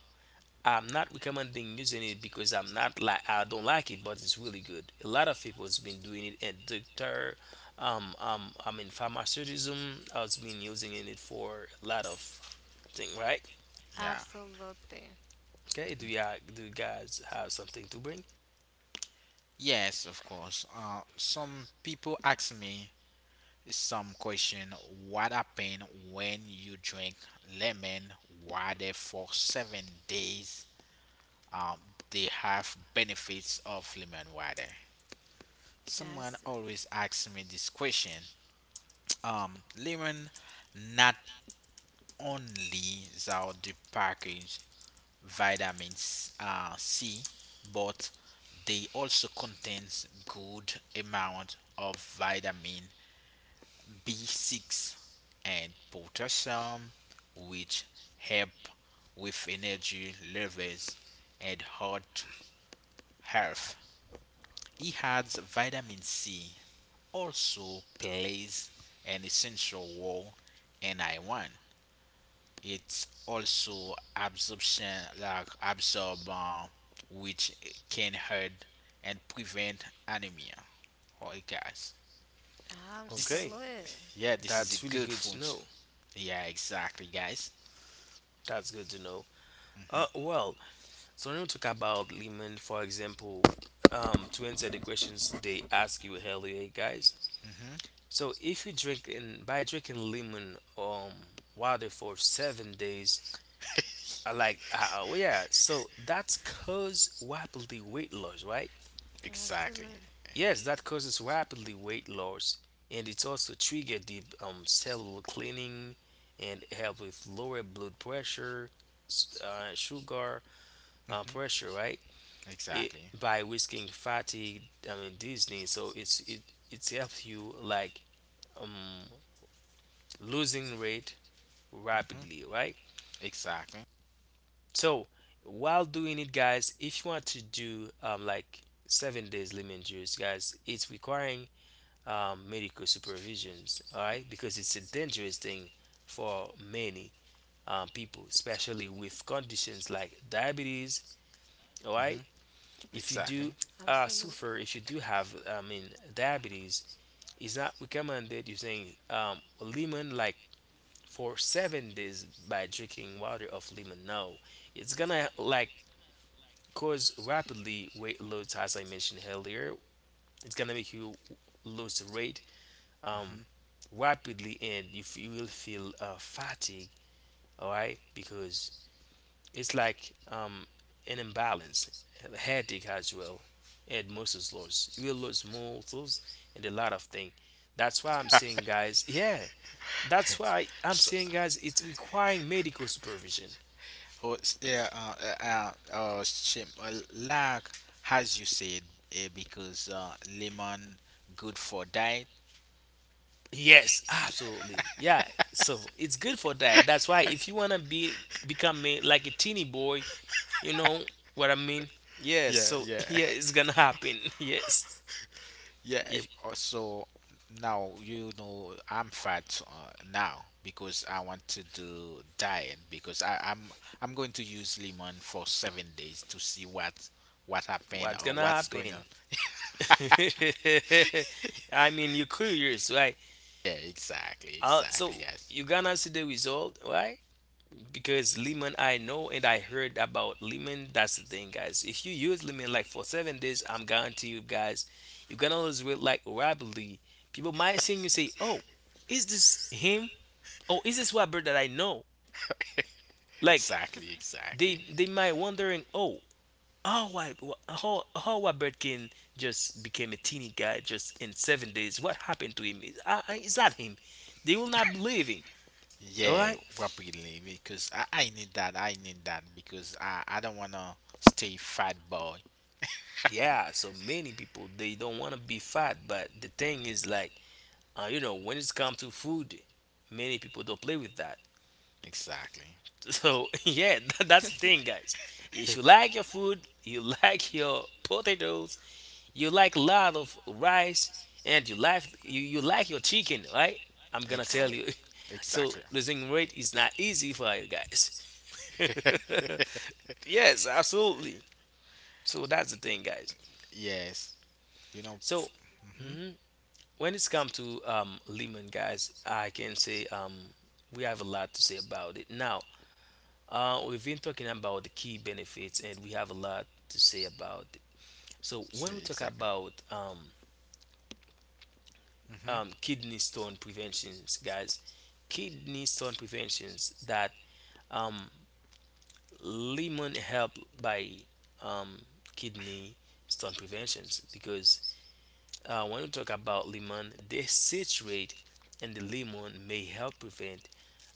S3: I'm not recommending using it because I'm not like I don't like it, but it's really good. A lot of people has been doing it, and doctor, I mean, pharmaceuticism has been using it for a lot of thing, right?
S1: Yeah.
S2: absolutely.
S3: Okay, do you guys have something to bring?
S1: Yes, of course. Some people ask me some question, what happened when you drink lemon water for 7 days? Um, they have benefits of lemon water. Someone
S2: Abs-
S1: always asks me this question. Lemon not only that they package vitamin C, but they also contains good amount of vitamin B6 and potassium, which help with energy levels and heart health. He adds vitamin C also plays an essential role in iron. It's also absorption like absorb, which can hurt and prevent anemia, all right, guys? This
S3: Okay,
S2: absolutely.
S1: yeah, this is a
S3: that's really
S1: good
S3: good to
S1: food.
S3: know.
S1: Yeah, exactly, guys.
S3: That's good to know.
S1: Mhm.
S3: Well, so when we talk about Lehman, for example, to answer the questions they ask you earlier, guys.
S1: Hmm.
S3: So if you drink in by drinking lemon water for 7 days, I like oh yeah, so that's cause rapidly weight loss, right?
S1: Exactly.
S2: Absolutely.
S3: Yes, that causes rapidly weight loss, and it's also trigger deep cellular cleaning and help with lower blood pressure, sugar
S1: Hmm.
S3: pressure, right? It
S1: Exactly.
S3: by risking fatigue, I mean disney, so it's helps you like um losing weight
S1: Hmm.
S3: rapidly, right?
S1: Exactly.
S3: So while doing it, guys, if you want to do like 7 days lemon juice, guys, it's requiring medical supervisions, all right, because it's a dangerous thing for many people, especially with conditions like diabetes, all right.
S1: Hmm.
S3: If you
S1: Exactly.
S3: do
S2: Absolutely.
S3: suffer, if you do have I mean diabetes, is not recommended using lemon like for 7 days by drinking water of lemon. No, it's gonna like cause rapidly weight loss, as I mentioned earlier. It's gonna make you lose weight
S1: Hmm.
S3: um, rapidly, and you will feel fatigue. All right, because it's like an imbalance, a headache as well, and muscles loss. You will lose muscles and a lot of things. That's why I'm saying, guys, yeah, that's why I'm
S1: So
S3: saying, guys, it's requiring medical supervision.
S1: oh, like as you said, because lemon good for diet.
S3: Yes, absolutely. Yeah. So it's good for that. That's why if you wanna be become a, like a teeny boy, you know what I mean. Yes.
S1: Yeah,
S3: So
S1: yeah.
S3: yeah, it's gonna happen. Yes.
S1: Yeah,
S3: If-
S1: so now you know I'm fat now because I want to do diet because I'm going to use lemon for 7 days to see what happened
S3: what's
S1: or
S3: gonna
S1: what's going
S3: happen?
S1: on.
S3: I mean, you're curious, right?
S1: Yeah, exactly, exactly.
S3: So
S1: Yes.
S3: you're gonna see the result, right? Because lemon, I know and I heard about lemon, that's the thing, guys. If you use lemon like for 7 days, I'm guarantee you guys you're gonna lose weight like rapidly. People might see you say, oh, is this him? Oh, is this Robert that I know? Like
S1: Exactly,
S3: they
S1: exactly.
S3: they might wondering, oh, how I, how Robert can just became a teeny guy just in 7 days. What happened to him? Is that him? They will not believe him. All
S1: Yeah,
S3: right.
S1: rapidly because I need that because I don't wanna stay fat boy.
S3: Yeah, so many people they don't want to be fat, but the thing is like, when it's come to food, many people don't play with that.
S1: Exactly,
S3: So yeah, that's the thing, guys. If you like your food, you like your potatoes, you like a lot of rice, and you like you like your chicken, right? I'm gonna
S1: ex
S3: tell
S2: I-
S3: you. So
S1: exactly.
S3: losing weight is not easy for you guys. Yes, absolutely. So that's the thing, guys.
S1: Yes, you know.
S3: So when it's come to Lehman, guys, I can say, we have a lot to say about it. Now, we've been talking about the key benefits, and we have a lot to say about it. So, when we
S1: See,
S3: talk
S1: exactly.
S3: about
S1: Hmm.
S3: kidney stone preventions, guys, kidney stone preventions that, um, Lehman help by, um, kidney stone preventions because when we talk about lemon, they citrate and the lemon may help prevent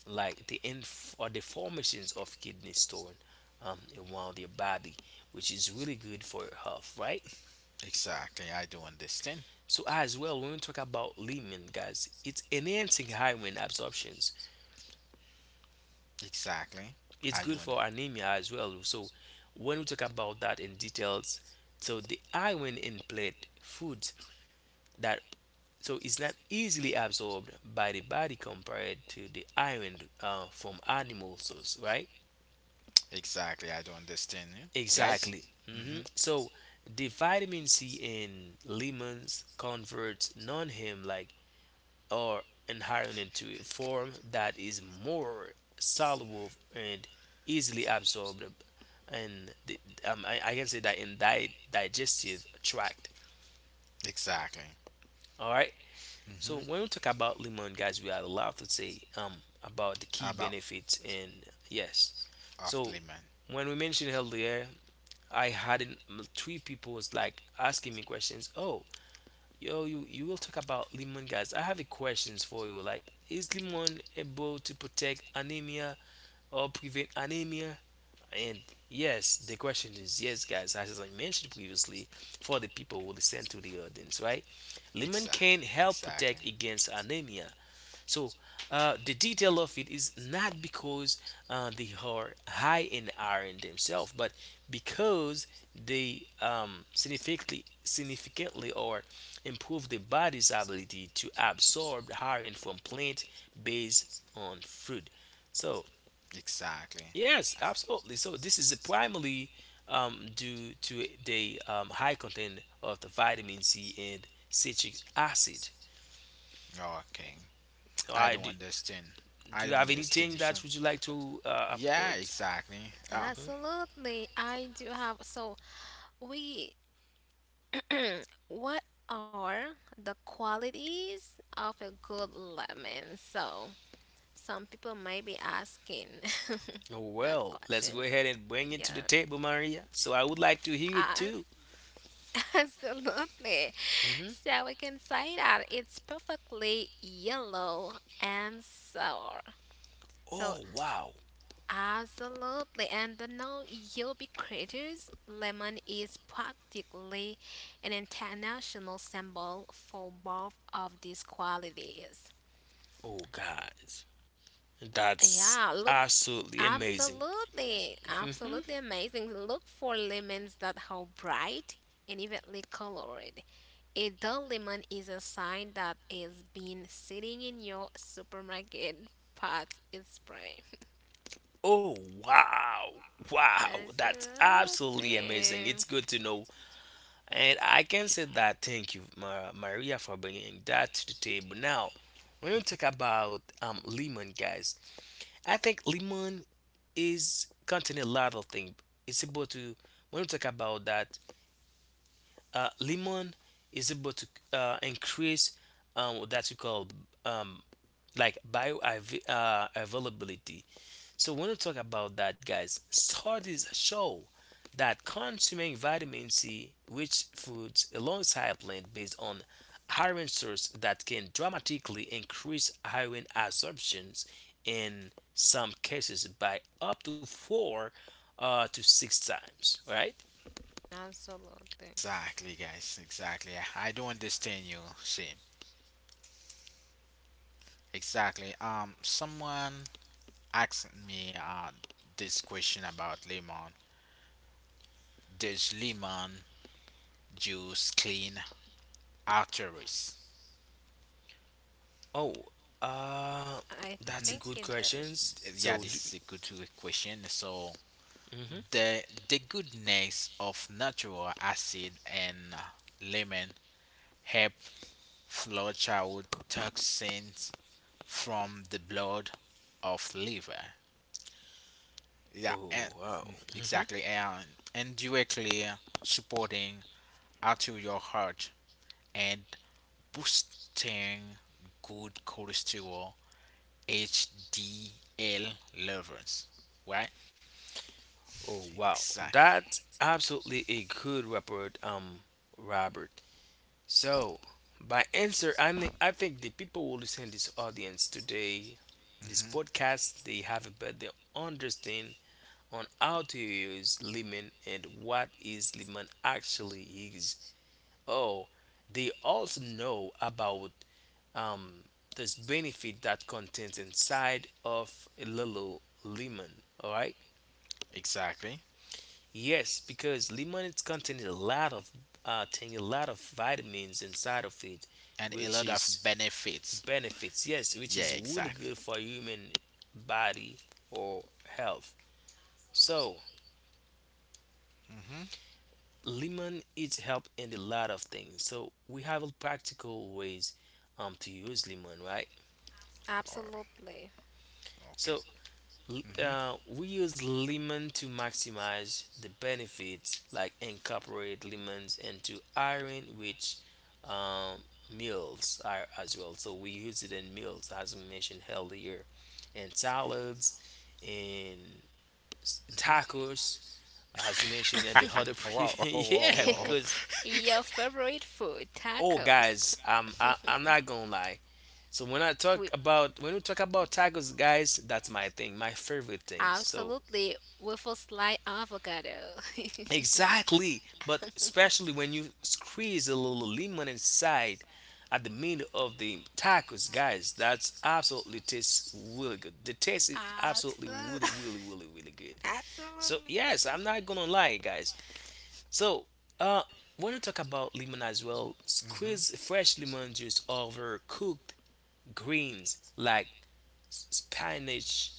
S3: like or the formations of kidney stone around your body, which is really good for your health, right?
S1: Exactly. I do understand.
S3: So as well, when we talk about lemon, guys, it's enhancing iron absorptions.
S1: Exactly.
S3: It's
S1: I do.
S3: good
S1: Not
S3: for anemia as well. So when we talk about that in details, so the iron in plant foods that, so it's not easily absorbed by the body compared to the iron from animal source, right?
S1: exactly. I do understand you, guys.
S3: Exactly.
S1: Hmm.
S3: So the vitamin C in lemons converts non-heme, like, or iron into a form that is more soluble and easily absorbed, and I can say that in digestive tract.
S1: Exactly.
S3: All right. So
S1: Hmm.
S3: when we talk about lemon, guys, we have a lot to say about the key
S1: About
S3: benefits. And yes.
S1: off
S3: So
S1: limit.
S3: when we mentioned healthier, I had three people was like asking me questions. Oh, yo, you will talk about lemon, guys. I have a questions for you. Like, is lemon able to protect anemia or prevent anemia? And yes, the question is yes, guys, as I mentioned previously, for the people who listen to the audience, right? Lemon can
S1: Exactly.
S3: help protect
S1: Exactly.
S3: against anemia. So, the detail of it is not because they are high in iron themselves, but because they, um, significantly or improve the body's ability to absorb iron from plant based on fruit. So
S1: Exactly.
S3: yes, absolutely. So this is primarily, due to the high content of the vitamin C and citric acid.
S1: Okay.
S3: All
S1: I
S3: right,
S1: don't
S3: do,
S1: understand. I
S3: do you
S1: don't
S3: have
S1: understand
S3: anything
S1: you,
S3: that
S1: son.
S3: would you like to
S1: Yeah,
S3: apport?
S1: exactly.
S2: absolutely. I do have. So, we. What are the qualities of a good lemon? So, some people might be asking
S3: Oh,
S2: that
S3: well, let's go
S2: question.
S3: ahead and bring it to
S2: Yeah,
S3: the table, Maria. So I would like to hear it
S2: a-
S3: too.
S2: absolutely. So we can say that it's perfectly yellow and sour. So
S3: Oh, wow.
S2: absolutely, and the no be ubiquitous lemon is practically an international symbol for both of these qualities.
S3: Oh, guys, that's
S2: Yeah, look
S3: absolutely amazing.
S2: absolutely, absolutely amazing. Look for lemons that are bright and evenly colored. A dull lemon is a sign that it's been sitting in your supermarket pot is spray.
S3: Oh, wow. Wow, that's absolutely amazing.
S2: Absolutely.
S3: It's good to know. And I can say that thank you, Maria, for bringing that to the table. Now, when we talk about lemon, guys, I think lemon is contain a lot of things. It's able to, when we talk about that, lemon is able to increase what that we call, um, like bio availability. So when we talk about that, guys, studies show that consuming vitamin C, rich foods alongside plant-based on iron source, that can dramatically increase iron absorptions in some cases by up to four to six times, right?
S2: Absolutely.
S1: Exactly, guys. Exactly. I don't understand you. See, exactly. Someone asked me this question about lemon. Does lemon juice clean arteries?
S3: Oh, uh,
S2: I
S3: that's a
S2: think
S3: good
S2: it
S3: question.
S2: does.
S1: Yeah,
S3: So,
S1: this
S3: do,
S1: is a good question. So
S3: mhm.
S1: the the goodness of natural acid and lemon help flush out toxins from the blood of liver. Yeah, and,
S3: Oh wow,
S1: mhm, exactly, and directly supporting arterial heart and boosting good cholesterol HDL lovers, right?
S3: oh wow,
S1: Exact,
S3: that's absolutely a good report, Robert. So, by answer, I think the people will listen to this audience today, this
S1: mhm,
S3: podcast, they have a better understand on how to use lemon and what is lemon actually is. Oh, they also know about, um, this benefit that contains inside of a little lemon. All right.
S1: exactly,
S3: Yes, because lemon it contains a lot of thing, a lot of vitamins inside of it,
S1: and a
S3: which
S1: lot of
S3: is
S1: benefits.
S3: benefits. Yes, which
S1: Yeah,
S3: is really
S1: exactly.
S3: good for human body or health. So
S1: Hmm.
S3: lemon it help in a lot of things. So we have practical ways to use lemon, right?
S1: Oh,
S2: Absolutely.
S1: okay.
S3: So
S1: Hmm.
S3: We use lemon to maximize the benefits, like incorporate lemons into iron rich, um, meals are, as well. So we use it in meals, as we mentioned earlier, and salads, and
S1: Hmm.
S3: tacos, as we mentioned, and the other
S1: Wow,
S3: previous.
S1: wow,
S3: Yeah,
S1: wow.
S3: because,
S2: Your favorite food,
S3: oh
S2: tacos.
S3: guys, um, I, I'm not gonna lie. So when I
S2: We
S3: talk about when we talk about tacos, guys, that's my thing, my favorite thing. So
S2: absolutely with a slight avocado.
S3: exactly, but especially when you squeeze a little lemon inside at the middle of the tacos, guys, that's absolutely tastes really good. The taste is absolutely
S2: Absolutely.
S3: really, really, really, really good. So yes,
S2: Absolutely.
S3: I'm not gonna lie, guys. So uh, when you talk about lemon as well,
S1: Hmm.
S3: squeeze fresh lemon juice over cooked greens like spinach,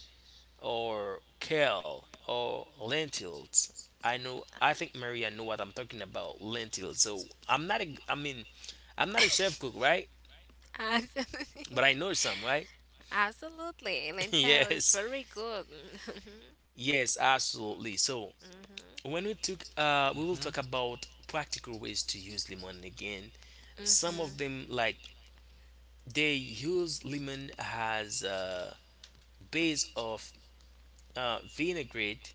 S3: or kale or lentils. I know. I think Maria know what I'm talking about. Lentils. I mean, I'm not a chef cook, right?
S2: Absolutely.
S3: But I know some, right?
S2: Absolutely. Lentil is
S3: Yes.
S2: very good.
S3: Yes. Absolutely. So
S2: Hmm
S3: we will
S1: Hmm.
S3: talk about practical ways to use lemon again. Some
S2: hmm
S3: of them like they use lemon as a base of vinaigrette,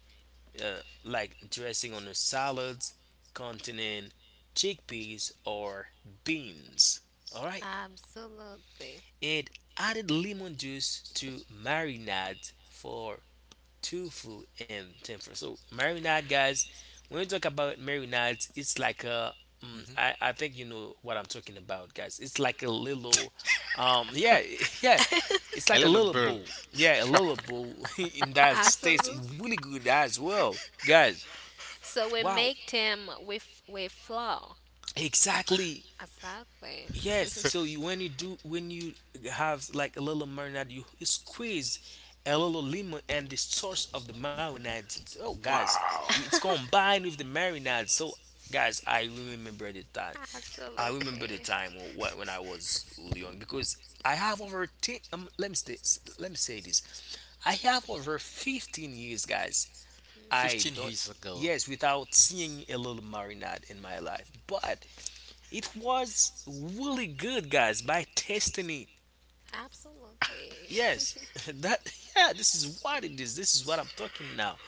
S3: like dressing on a salads containing chickpeas or beans. All right.
S2: absolutely.
S3: It added lemon juice to marinade for tofu and tempura. So marinade, guys, when we talk about marinades, it's like a, mm,
S1: Hmm.
S3: I, I think you know what I'm talking about, guys. It's like a little, yeah, yeah, it's
S1: A
S3: like a
S1: little
S3: little
S1: bird.
S3: bowl. Yeah, a little bowl, and that tastes
S2: Absolutely.
S3: really good as well, guys.
S2: So we
S3: Wow,
S2: make them with flour,
S3: exactly.
S2: exactly.
S3: Yes, so you, when you do, when you have like a little marinade, you squeeze a little lemon and the source of the marinade. It's, oh, guys,
S1: Wow.
S3: you, it's combined with the marinade. So, guys, I remember the time. I remember the
S2: Absolutely.
S3: time when I was young because I have over ten. Let me say this. I have over 15 years, guys. I
S1: 15
S3: don't.
S1: years ago.
S3: Yes, without seeing a little marinade in my life, but it was really good, guys, by testing it.
S2: Absolutely.
S3: Yes, that yeah, this is what it is. This is what I'm talking now.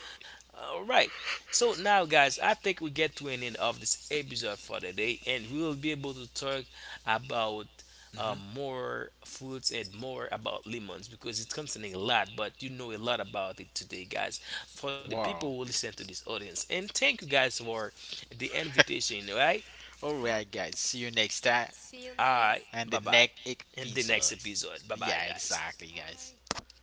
S3: All right. So now, guys, I think we get to an end of this episode for today, and we will be able to talk about
S1: Hmm.
S3: more fruits and more about lemons because it's concerning a lot, but you know a lot about it today, guys. For the people
S1: Wow.
S3: who listen to this audience, and thank you guys for the invitation. Right,
S1: All
S2: Uh,
S1: right, guys. See you next time
S2: see you
S3: all right.
S2: next.
S1: and
S3: Bye
S1: the
S3: bye.
S1: next
S3: In the next
S1: episode.
S3: episode. Bye bye,
S1: Yeah,
S3: guys.
S1: exactly,
S2: All
S1: guys.
S2: right.